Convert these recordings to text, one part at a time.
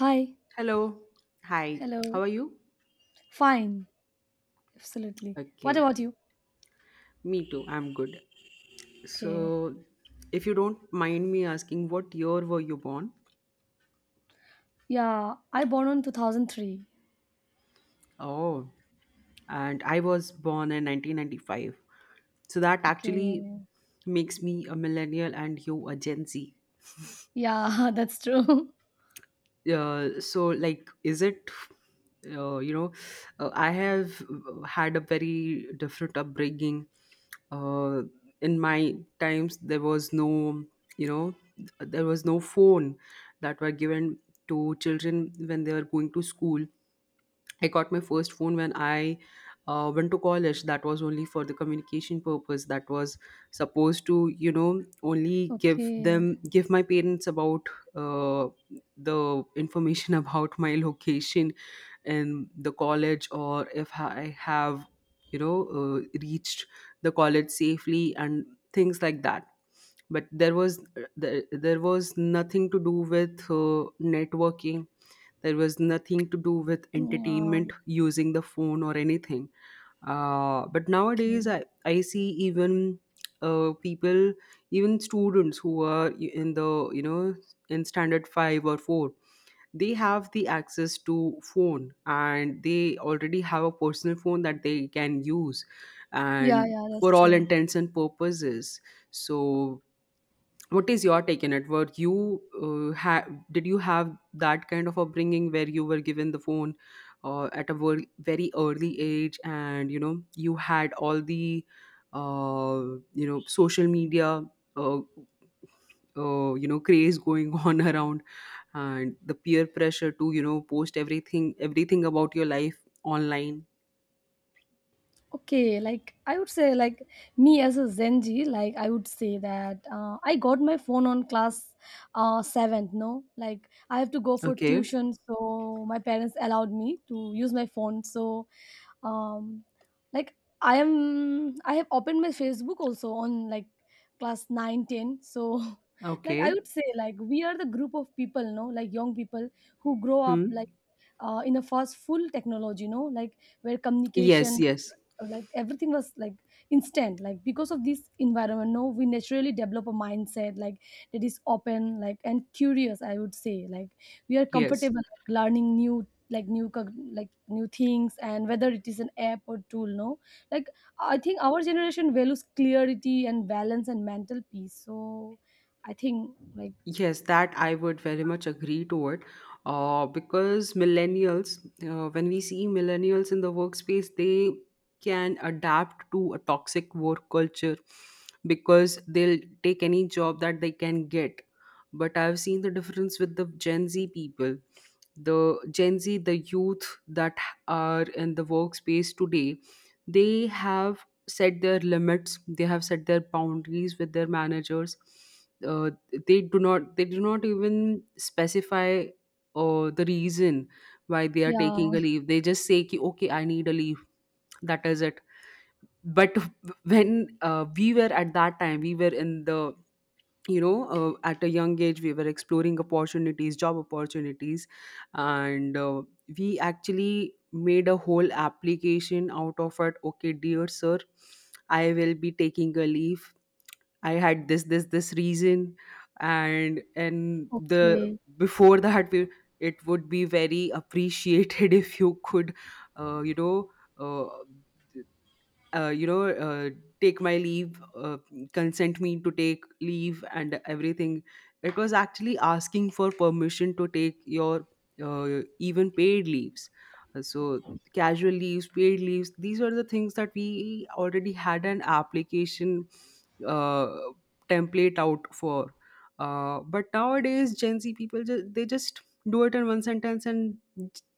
Hi. Hello. Hi. How Hello. are you? Fine. Absolutely. What Okay. about you? Me too. I'm good. Okay. So, if you don't mind me asking, what year were you born? Yeah, I born on 2003. Oh, and I was born in 1995. So, that actually Okay. makes me a millennial and you a Gen Z. Yeah, that's true. So, like, is it you know I have had a very different upbringing, uh, in my times you know there was no phone that were given to children when they were going to school. I got my first phone when I went to college. That was only for the communication purpose. That was supposed to, only Okay. Give my parents about uh, the information about my location in the college, or if I have, reached the college safely and things like that. But there was nothing to do with networking, there was nothing to do with Yeah. entertainment using the phone or anything. But Okay. nowadays, I see even people, even students who are in the, in standard 5 or 4, they have the access to phone, and they already have a personal phone that they can use, Yeah, and yeah, that's for all true. intents and purposes. So, what is your take on it? Were you, uh, ha- did you have that kind of upbringing where you were given the phone at a very early age, and, you had all the uh, social media, uh, craze going on around, and the peer pressure to, post everything, everything about your life online? Okay, I would say me as a Zenji, I would say that I got my phone on class 7th, no? Like I have to go for Okay. tuition, so my parents allowed me to use my phone. So um like I have opened my Facebook also on like class 9, 10. So like I Okay. would say like we are the group of people, no, like young people who grow up like Hmm. In a fast full technology, no, like where Yes. communication, Yes. like everything was like instant. Like because of this environment, no, we naturally develop a mindset like that is open like and curious. I would say like we are Yes. comfortable like, learning new like new cog- like new things, and whether it is an app or tool, no, like I think our generation values clarity and balance and mental peace. So I think like Yes, that I would very much agree to it. Because millennials, when we see millennials in the workspace, they can adapt to a toxic work culture, because they'll take any job that they can get. But I've seen the difference with the Gen Z people. The Gen Z, the youth that are in the workspace today, they have set their limits, they have set their boundaries with their managers. uh they do not even specify the reason why they are yeah. taking a leave. They just say ki, okay, I need a leave. That is it. But when, we were at that time, we were in the, at a young age we were exploring opportunities, job opportunities, and we actually made a whole application out of it. Okay, dear sir, I will be taking a leave. I had this reason, and the Okay. before that we, it would be very appreciated if you could, uh, you know uh, uh, you know, uh, take my leave, consent me to take leave and everything. It was actually asking for permission to take your even paid leaves. So, casual leaves, paid leaves, these are the things that we already had an application uh, template out for. But nowadays, Gen Z people, they just do it in one sentence, and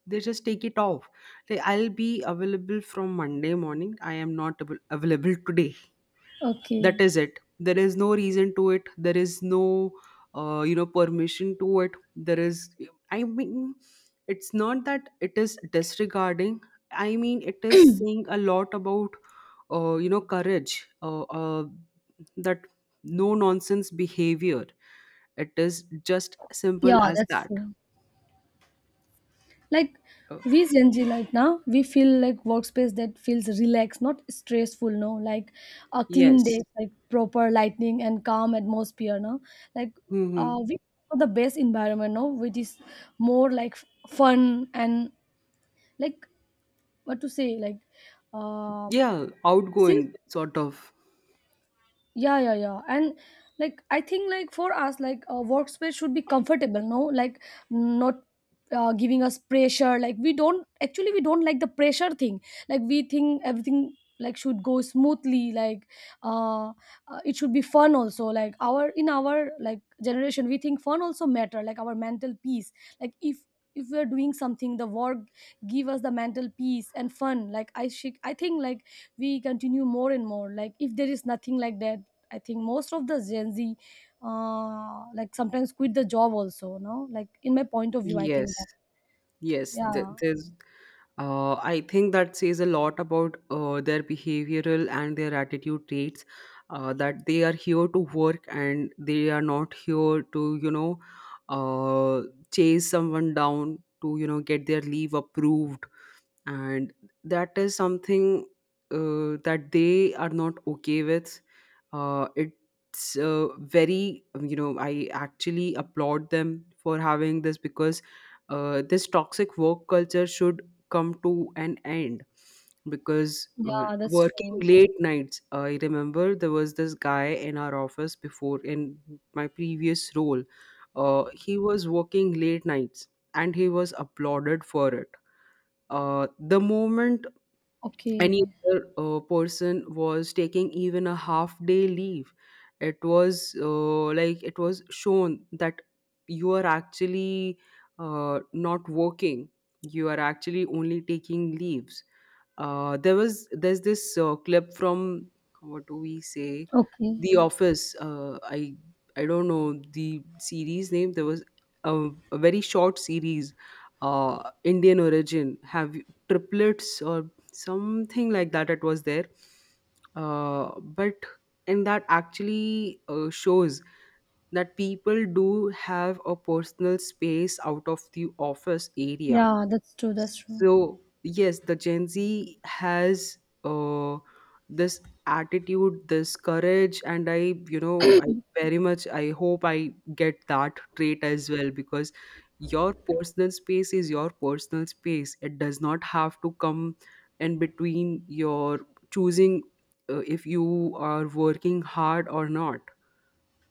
they just take it off. Say, I'll be available from Monday morning. I am not available today. That Okay. is it. There is no reason to it. There is no, permission to it. There is, I mean, it's not that it is disregarding. I mean, it is saying a lot about, courage, uh, uh, that no nonsense behavior. It is just simple Yeah, as that's that. true. Like Uh, we Gen Z right now, we feel like workspace that feels relaxed, not stressful. No, like a clean yes. day, like proper lighting and calm atmosphere. No, like Hmm. we for the best environment. No, which is more like fun and like what to say, like um Yeah, since outgoing sort of. yeah, yeah, yeah. And like I think like for us like a workspace should be comfortable, no, like not giving us pressure. Like we don't like the pressure thing. Like we think everything like should go smoothly like uh, it should be fun also. Like our in our like generation, we think fun also matter like our mental peace. Like if we are doing something, the work give us the mental peace and fun. Like I think like we continue more and more. Like if there is nothing like that, I think most of the Gen Z like sometimes quit the job also, no, like in my point of view, I think that Yes, yes. Yeah, I think that says a lot about their behavioral and their attitude traits. That they are here to work, and they are not here to, uh, chase someone down to, get their leave approved. And that is something that they are not okay with. It's very, I actually applaud them for having this, because this toxic work culture should come to an end, because yeah, that's working true. late nights, I remember there was this guy in our office before, in my previous role. He was working late nights, and he was applauded for it. The moment any Okay. other person was taking even a half day leave, it was, like, it was shown that you are actually not working, you are actually only taking leaves. There was there's this clip from, what do we say, Okay. the office. I don't know the series name. There was a, a very short series, Indian origin, triplets or something like that, it was there. Uh, but and that actually shows that people do have a personal space out of the office area. Yeah, that's true. That's true. So, yes, the Gen Z has uh, this attitude, this courage, and, I very much, I hope I get that trait as well, because your personal space is your personal space. It does not have to come in between your choosing if you are working hard or not.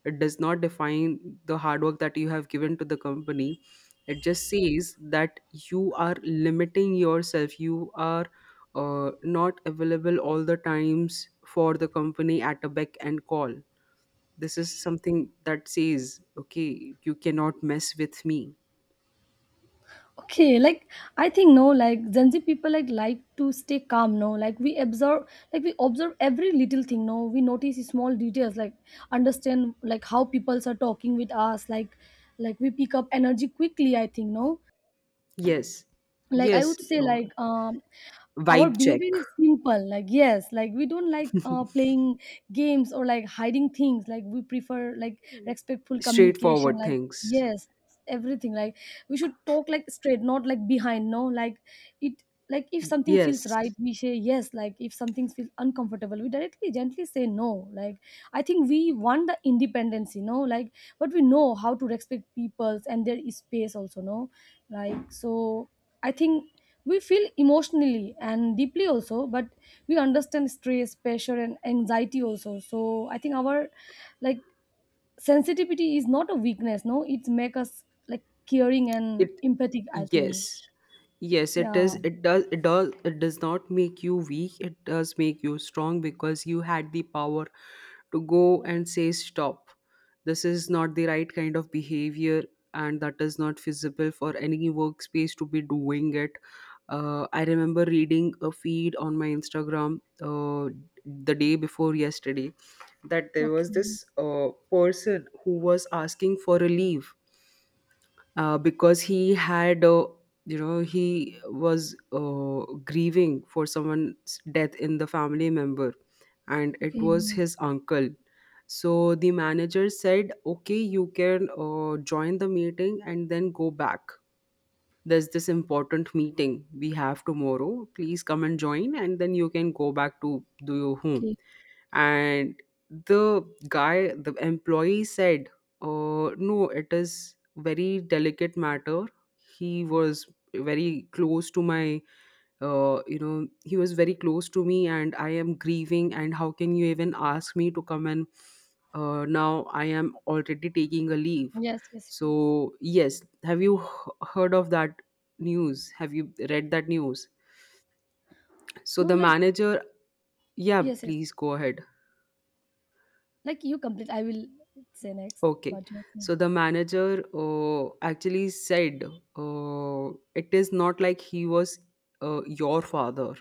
It does not define the hard work that you have given to the company. It just says that you are limiting yourself, you are not available all the times for the company at a beck and call. This is something that says, okay, you cannot mess with me. Okay, like I think, no, like Gen Z people like to stay calm, no, like we observe, like we observe every little thing, no, we notice small details like understand like how people are talking with us like we pick up energy quickly, I think, no, Yes, like I yes. would say uh, like our Vibe check. behavior is simple like yes. Like we don't like playing games or like hiding things. Like we prefer like respectful communication Straightforward like things. yes, everything like we should talk like straight, not like behind, no, like it like if something feels Yes, right, we say yes. Like if something feels uncomfortable, we directly gently say no. Like I think we want the independence, you know, like but we know how to respect peoples and their space also, no, like so I think we feel emotionally and deeply also, but we understand stress, pressure and anxiety also. So I think our like sensitivity is not a weakness, no, it's make us like caring and it empathic, I yes, think yes, it yeah. is, it does not make you weak. It does make you strong, because you had the power to go and say stop. This is not the right kind of behavior, and that is not feasible for any workspace to be doing it. I remember reading a feed on my Instagram, uh, the day before yesterday, that there was this Okay. Person who was asking for a leave, because he had, he was grieving for someone's death in the family member, and it Okay. was his uncle. So the manager said, okay, you can join the meeting and then go back. There's this important meeting we have tomorrow, please come and join, and then you can go back to do your home. Okay. And the guy the employee said, no, it is very delicate matter. He was very close to my, he was very close to me, and I am grieving, and how can you even ask me to come? And now I am already taking a leave. Yes, yes, yes. So, yes, have you heard of that news? Have you read that news? So No, the like manager, yeah, yes, yes, please go ahead. like you complete, I will say next Okay. what you are So saying. the manager actually said, it is not like he was your father.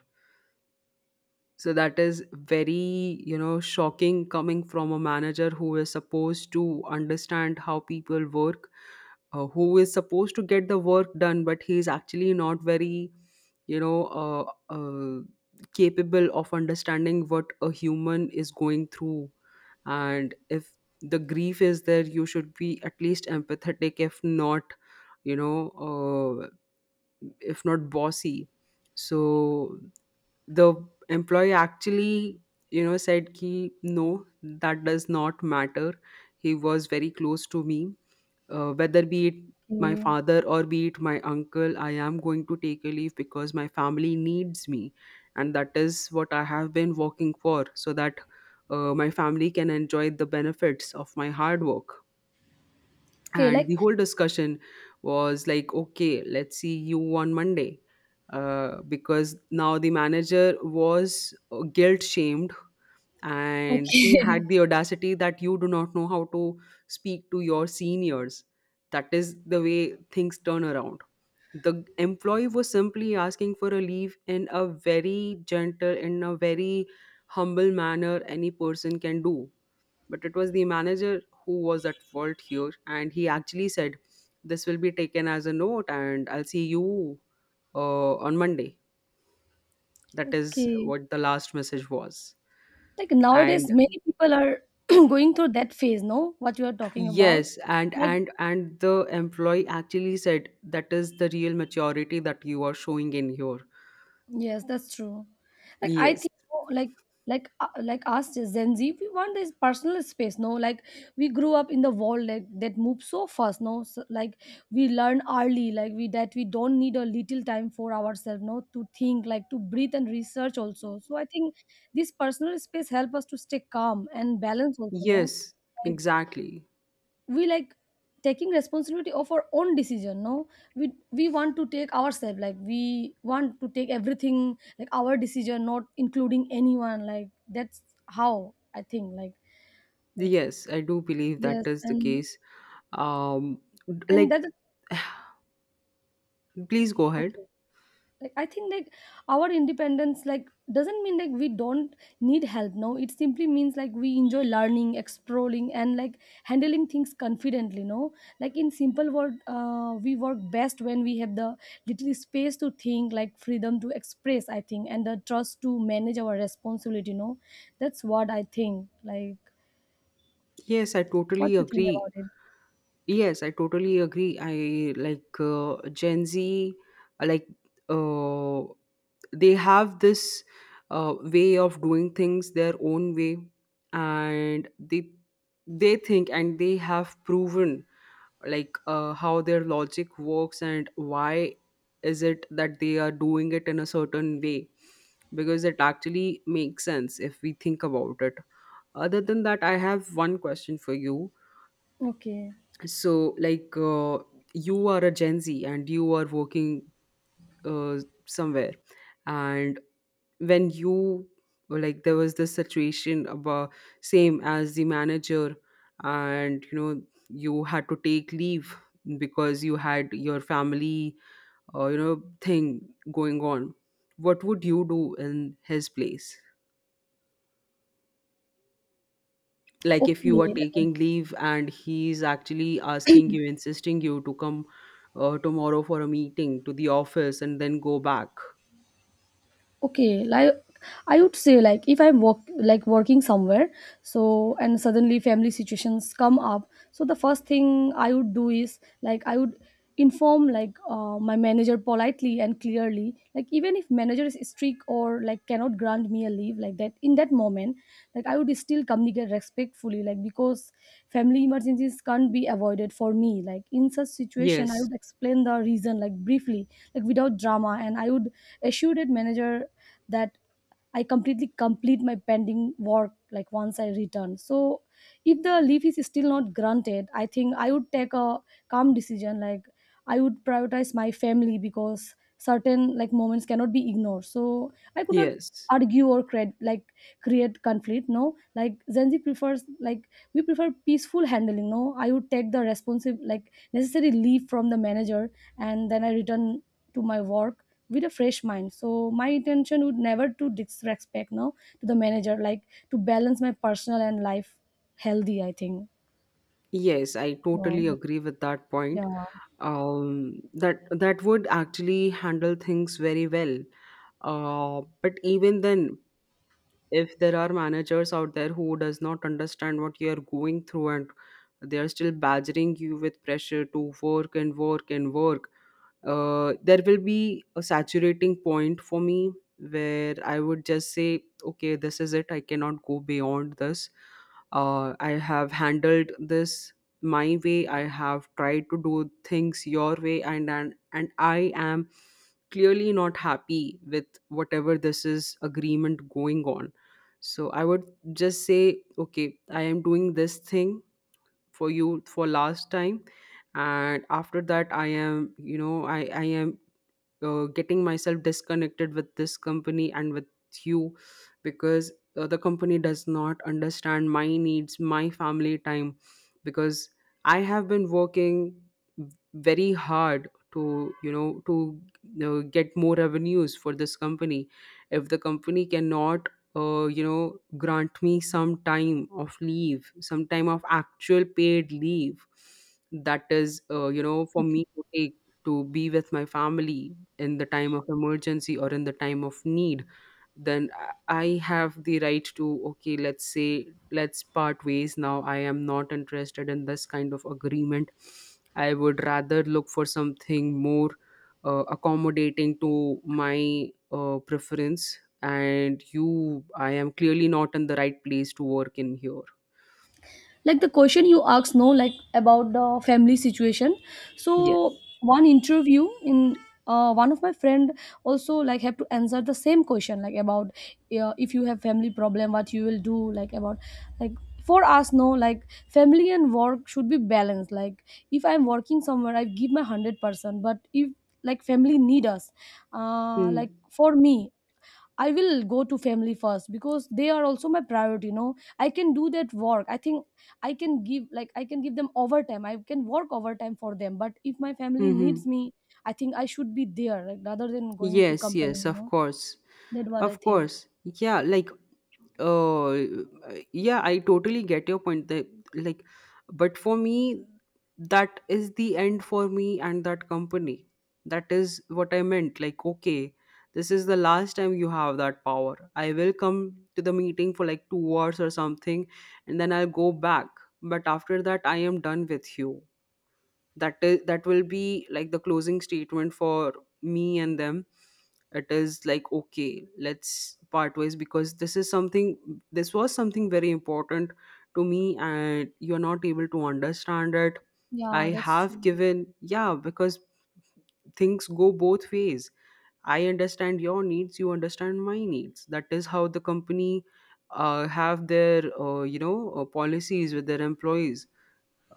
So that is very, shocking, coming from a manager who is supposed to understand how people work, who is supposed to get the work done, but he is actually not very, you know uh, uh, capable of understanding what a human is going through. And if the grief is there, you should be at least empathetic, if not, you know uh, bossy. So the employee actually, said ki no, that does not matter. He was very close to me, whether be it my Okay. father or be it my uncle, I am going to take a leave because my family needs me, and that is what I have been working for, so that my family can enjoy the benefits of my hard work. Okay. And Like the whole discussion was like, okay, let's see you on Monday. Because now the manager was guilt shamed, and he okay. had the audacity that you do not know how to speak to your seniors. That is the way things turn around. The employee was simply asking for a leave in a very gentle, in a very humble manner any person can do. But it was the manager who was at fault here, and he actually said, this will be taken as a note, and I'll see you on Monday. That is Okay, what the last message was, like nowadays and many people are going through that phase, no, what you are talking about. yes, and Like and and the employee actually said, that is the real maturity that you are showing in here. yes, that's true. Like I Yes, think oh, like like us as Gen Z, we want this personal space, no, like we grew up in the world like that moves so fast, no, so, like we learn early like we that we don't need a little time for ourselves, no, to think like to breathe and research also. So I think this personal space help us to stay calm and balance also, no, yes, like. exactly. We like taking responsibility of our own decision, no, we want to take ourselves like we want to take everything like our decision, not including anyone, like that's how I think like Yes, I do believe that yes. is the and case. Um, and like, that's please go ahead. okay. Like I think like our independence like doesn't mean like we don't need help, no, it simply means like we enjoy learning, exploring and like handling things confidently, no, like in simple word we work best when we have the little space to think like freedom to express, I think, and the trust to manage our responsibility, no, that's what I think like Yes, I what totally you think agree. about it. Yes, I totally agree. I like, Gen Z, like, uh, they have this way of doing things their own way, and they think, and they have proven, like, how their logic works and why is it that they are doing it in a certain way, because it actually makes sense if we think about it. Other than that, I have one question for you. Okay. So you are a Gen Z and you are working uh, somewhere, and when you there was this situation, about same as the manager, and you had to take leave because you had your family thing going on. What would you do in his place, like if you are Okay. taking leave and he's actually asking you, insisting you to come tomorrow for a meeting to the office and then go back? Okay, like I would say like if I'm work like working somewhere, so and suddenly family situations come up, so the first thing I would do is like I would inform like my manager politely and clearly. Like even if manager is strict, sick or like cannot grant me a leave like that in that moment, like I would still communicate respectfully, like because family emergencies can't be avoided for me. Like in such situation, I Yes, would explain the reason like briefly, like without drama, and I would assure that manager that I complete my pending work like once I return. So if the leave is still not granted, I think I would take a calm decision. Like I would prioritize my family because certain like moments cannot be ignored, so I could not yes, argue or create like create conflict, no, like Zenzi prefers like we prefer peaceful handling, no, I would take the responsive like necessary leave from the manager and then I return to my work with a fresh mind, so my intention would never to disrespect, no, to the manager, like to balance my personal and life healthy, I think yes, I so totally agree with that point. yeah. That would actually handle things very well. But even then, if there are managers out there who does not understand what you are going through, and they are still badgering you with pressure to work and work and work, there will be a saturating point for me where I would just say, okay, this is it, I cannot go beyond this. I have handled this my way, I have tried to do things your way, and I am clearly not happy with whatever this is, agreement going on. So I would just say, okay, I am doing this thing for you for last time, and after that I am you know I am getting myself disconnected with this company and with you, because the company does not understand my needs, my family time, because I have been working very hard to, you know, to, you know, get more revenues for this company. If the company cannot you know, grant me some time of leave, some time of actual paid leave, that is you know, for Okay, me to take, to be with my family in the time of emergency or in the time of need, then I have the right to, okay, let's say let's part ways. Now I am not interested in this kind of agreement. I would rather look for something more accommodating to my preference. And you I am clearly not in the right place to work in here. like the question you asked, no, like about the family situation, so Yes. one interview in one of my friend also like have to answer the same question like about if you have family problem, what you will do, like about like for us, no, like family and work should be balanced. Like if I'm working somewhere, I give my 100%, but if like family need us, like for me, I will go to family first because they are also my priority. You know, I can do that work. I think I can give like I can give them overtime. I can work overtime for them. But if my family Mm. needs me, I think I should be there, like rather than going to Yes, company. yes, You of know, course. that's what I Of think. course. Yeah, like, uh yeah, I totally get your point that, like, but for me, that is the end for me and that company. That is what I meant. Like, okay, this is the last time you have that power. I will come to the meeting for like 2 hours or something, and then I'll go back. But after that, I am done with you. That is that will be like the closing statement for me and them. It is like, okay, let's part ways, because this is something, this was something very important to me and you're not able to understand it. I Yeah, that's have true. given. Yeah, because things go both ways. I understand your needs, you understand my needs. That is how the company have their policies with their employees.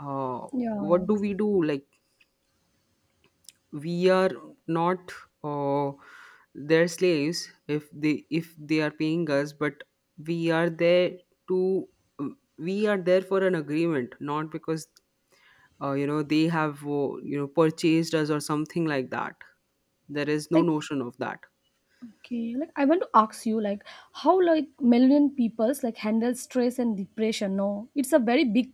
uh, Yeah, what do we do? Like, we are not uh, their slaves. If they are paying us. But we are there to, we are there for an agreement, not because they have purchased us or something like that. There is no like notion of that. okay, like I want to ask you like how like million peoples like handle stress and depression. No, it's a very big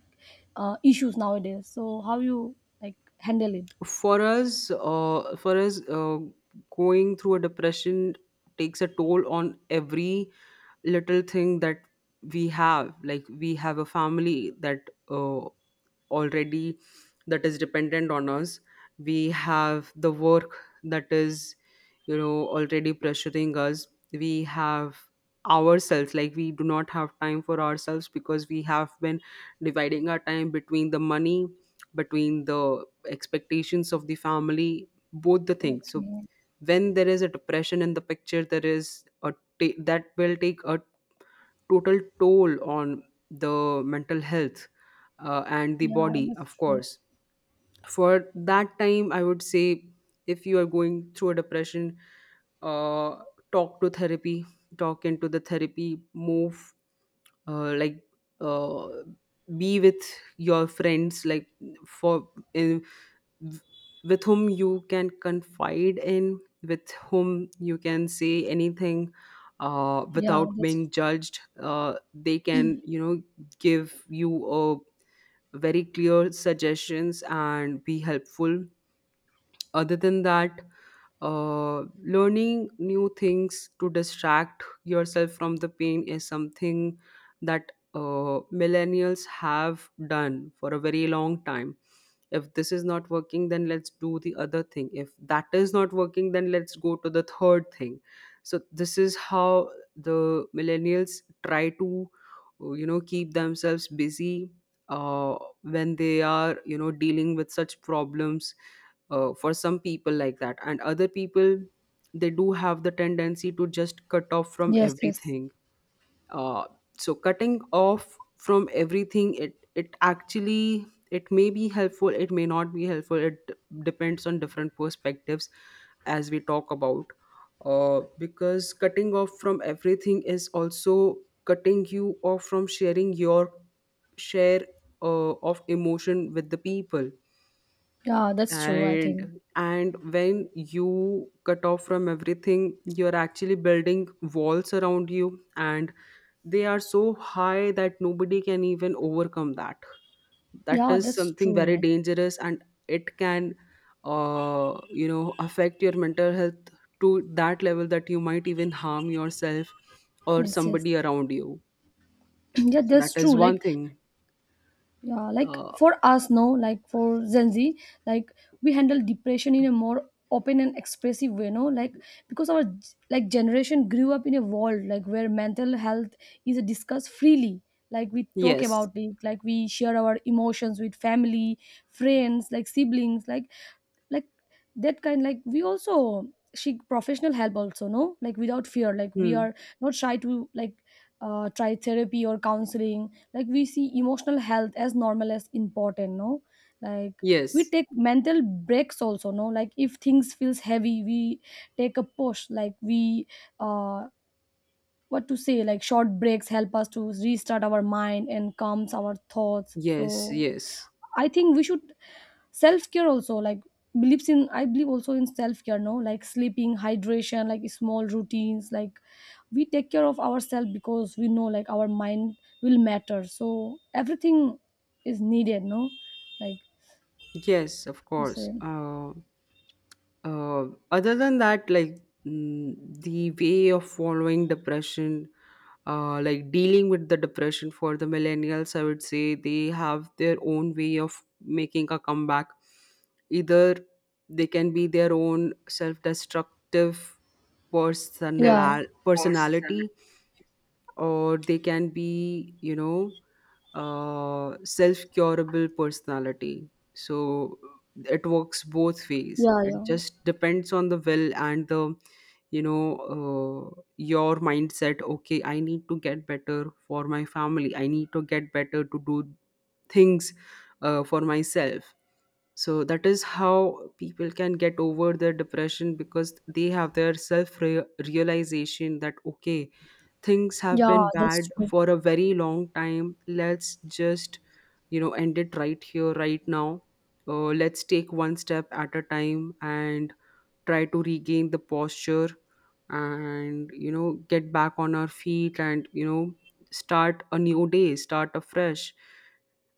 issues nowadays. So how you like handle it? For us for us, going through a depression takes a toll on every little thing that we have. Like, we have a family that already, that is dependent on us. We have the work that is, you know, already pressuring us. We have ourselves, like, we do not have time for ourselves because we have been dividing our time between the money, between the expectations of the family, both the things. So Okay. when there is a depression in the picture, there is a that will take a total toll on the mental health and the Yeah, body, that's of true. course. For that time, I would say, if you are going through a depression, uh, talk to therapy, talk into the therapy, move, uh, like, uh, be with your friends, like, for, in, with whom you can confide in, with whom you can say anything. Yeah, Without that's being judged, they can, you know, give you a very clear suggestions and be helpful. Other than that, uh, learning new things to distract yourself from the pain is something that millennials have done for a very long time. If this is not working, then let's do the other thing. If that is not working, then let's go to the third thing. So this is how the millennials try to, you know, keep themselves busy uh, when they are, you know, dealing with such problems. For some people like that, and other people, they do have the tendency to just cut off from yes, yes. everything. uh, so cutting off from everything, it actually, it may be helpful, it may not be helpful, depends on different perspectives, as we talk about. Because cutting off from everything is also cutting you off from sharing your share of emotion with the people. Yeah, that's true, I think. And when you cut off from everything, you're actually building walls around you, and they are so high that nobody can even overcome that. That Yeah, is that's something true. very Like dangerous, and it can you know, affect your mental health to that level that you might even harm yourself or yes, yes. somebody around you. Yeah, So that that's true. is one Like thing. yeah, like uh, for us, no, like for Gen Z, like we handle depression in a more open and expressive way, no? Like because our like generation grew up in a world like where mental health is discussed freely. Like we talk yes. about it, like we share our emotions with family, friends, like siblings, like that kind, like we also seek professional help also, no, like without fear, like we Hmm. are not shy to like try therapy or counseling. Like we see emotional health as normal as important, no, like we Yes, take mental breaks also, no, like if things feels heavy, we take a push like we uh what to say, like short breaks help us to restart our mind and calms our thoughts. yes, So yes. I think we should self care also like believes in I believe also in self care, no, like sleeping, hydration, like small routines, like we take care of ourselves because we know like our mind will matter, so everything is needed, no, like Yes, of you course. say uh, Other than that, like, mm, the way of following depression, like dealing with the depression for the millennials, I would say they have their own way of making a comeback. Either they can be their own self destructive the yeah force and personality, or they can be, you know, self-curable personality. So it works both ways. yeah, It yeah, just depends on the will and the, you know, your mindset. Okay, I need to get better for my family, I need to get better to do things for myself. So that is how people can get over their depression, because they have their self realization that, okay, things have yeah, been bad that's true. for a very long time, let's just, you know, end it right here right now. Let's take one step at a time and try to regain the posture, and, you know, get back on our feet, and, you know, start a new day, start afresh.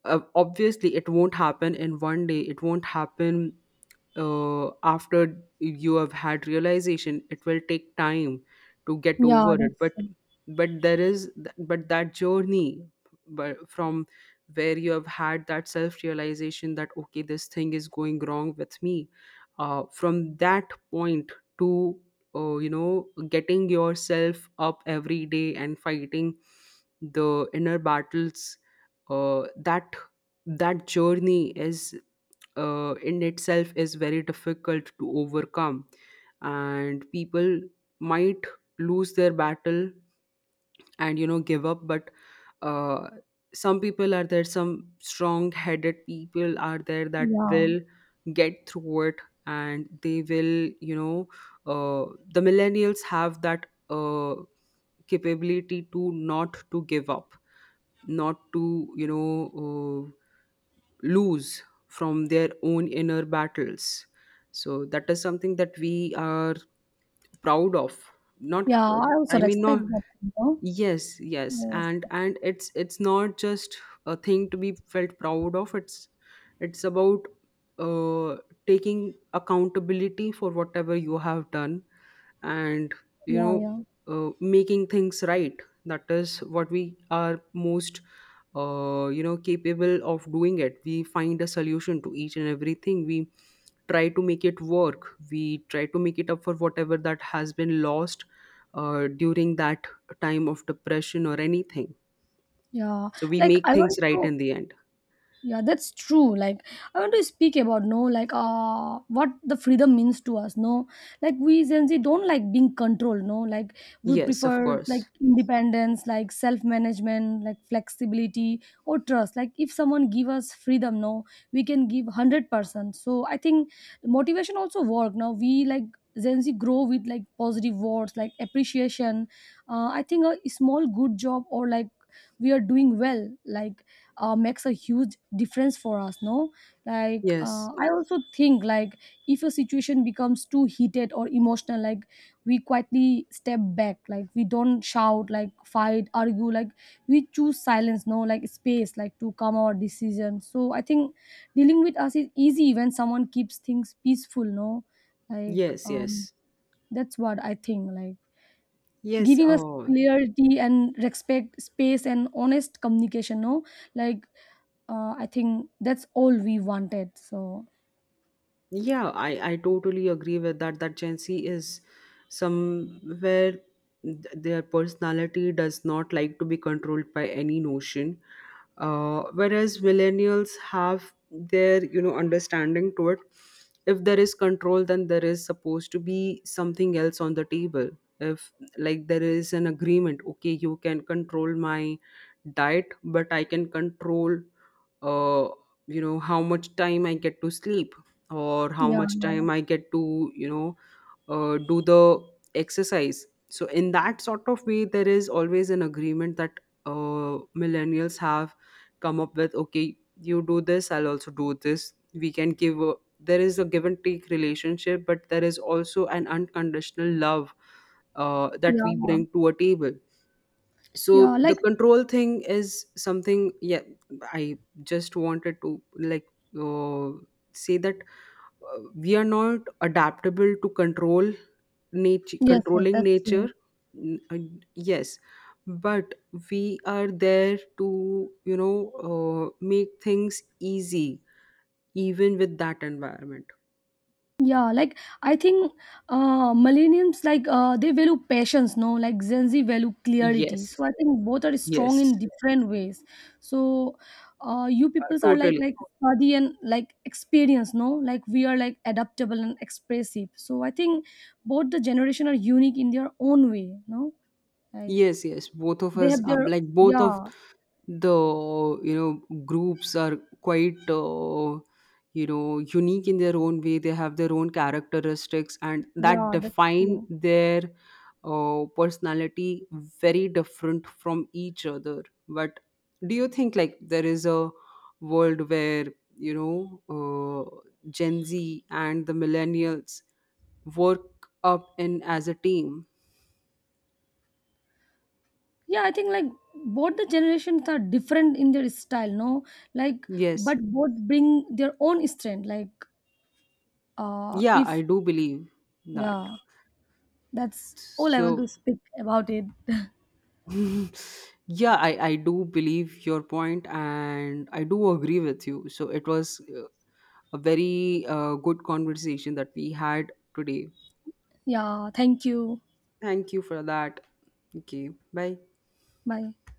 Obviously it won't happen in one day, it won't happen after you have had realization, it will take time to get Yeah, over it. that's But true. There is but that journey, but from where you have had that self realization that, okay, this thing is going wrong with me, from that point to you know, getting yourself up every day and fighting the inner battles, that journey is in itself is very difficult to overcome, and people might lose their battle and, you know, give up. But uh, some people are there, some strong headed people are there, that Yeah, will get through it, and they will, you know, the millennials have that capability to not to give up, not to, you know, lose from their own inner battles. So that is something that we are proud of. Not yeah, I also I mean, respect not, that, you know. yes, yes. Yes, And it's not just a thing to be felt proud of. It's about uh, taking accountability for whatever you have done, and, you yeah, know, yeah, making things right. That is what we are most you know, capable of doing it. We find a solution to each and everything, we try to make it work, we try to make it up for whatever that has been lost during that time of depression or anything. yeah. So we Like make I things want right to in the end. yeah, that's true. Like I want to speak about, no, like what the freedom means to us, no, like we Gen Z don't like being controlled, no, like we Yes, of prefer like course. independence, like self-management, like flexibility or trust. Like if someone give us freedom, no, we can give 100%. So I think motivation also work now we like Gen Z grow with like positive words like appreciation. I think a small good job or like we are doing well like makes a huge difference for us, no, like Yes, I also think like if a situation becomes too heated or emotional, like we quietly step back, like we don't shout, like fight, argue, like we choose silence, no, like space, like to come our decision. So I think dealing with us is easy when someone keeps things peaceful, no, like yes. Yes, that's what I think like yes. giving us Oh, clarity and respect, space and honest communication, no, like I think that's all we wanted. So yeah, I totally agree with that. That Gen Z is somewhere, their personality does not like to be controlled by any notion. Whereas millennials have their, you know, understanding to it. If there is control, then there is supposed to be something else on the table. If, like, there is an agreement, okay, you can control my diet, but I can control uh, you know, how much time I get to sleep, or how yeah, much time I get to, you know, do the exercise. So in that sort of way, there is always an agreement that uh, millennials have come up with. Okay, you do this, I'll also do this. We can give a, there is a give and take relationship, but there is also an unconditional love that we yeah, bring to a table. yeah. So the Like control thing is something, yeah, I just wanted to like uh, say that we are not adaptable to control nature, yes, yes, controlling that's nature. true. Yes, but we are there to, you know, make things easy even with that environment. Yeah, like I think millennials like they value patience, no? Like Gen Z value clarity. Yes, So I think both are strong yes. in different ways. So you peoples are Totally. like study and like experience, no? Like we are like adaptable and expressive. So I think both the generation are unique in their own way, no? Like Yes, yes. Both of they us have are their like, both of yeah, the, you know, groups are quite you know, unique in their own way. They have their own characteristics, and that yeah, that's define true. their personality very different from each other. But do you think like there is a world where, you know, Gen Z and the millennials work up in as a team? Yeah, I think like both the generations are different in their style, no, like Yes. but both bring their own strength like Yeah, I if do believe that. yeah, that's all I want to So, speak about it. yeah, I do believe your point, and I do agree with you. So, it was a very good conversation that we had today. Yeah, thank you. Thank you for that. Okay, bye. Bye.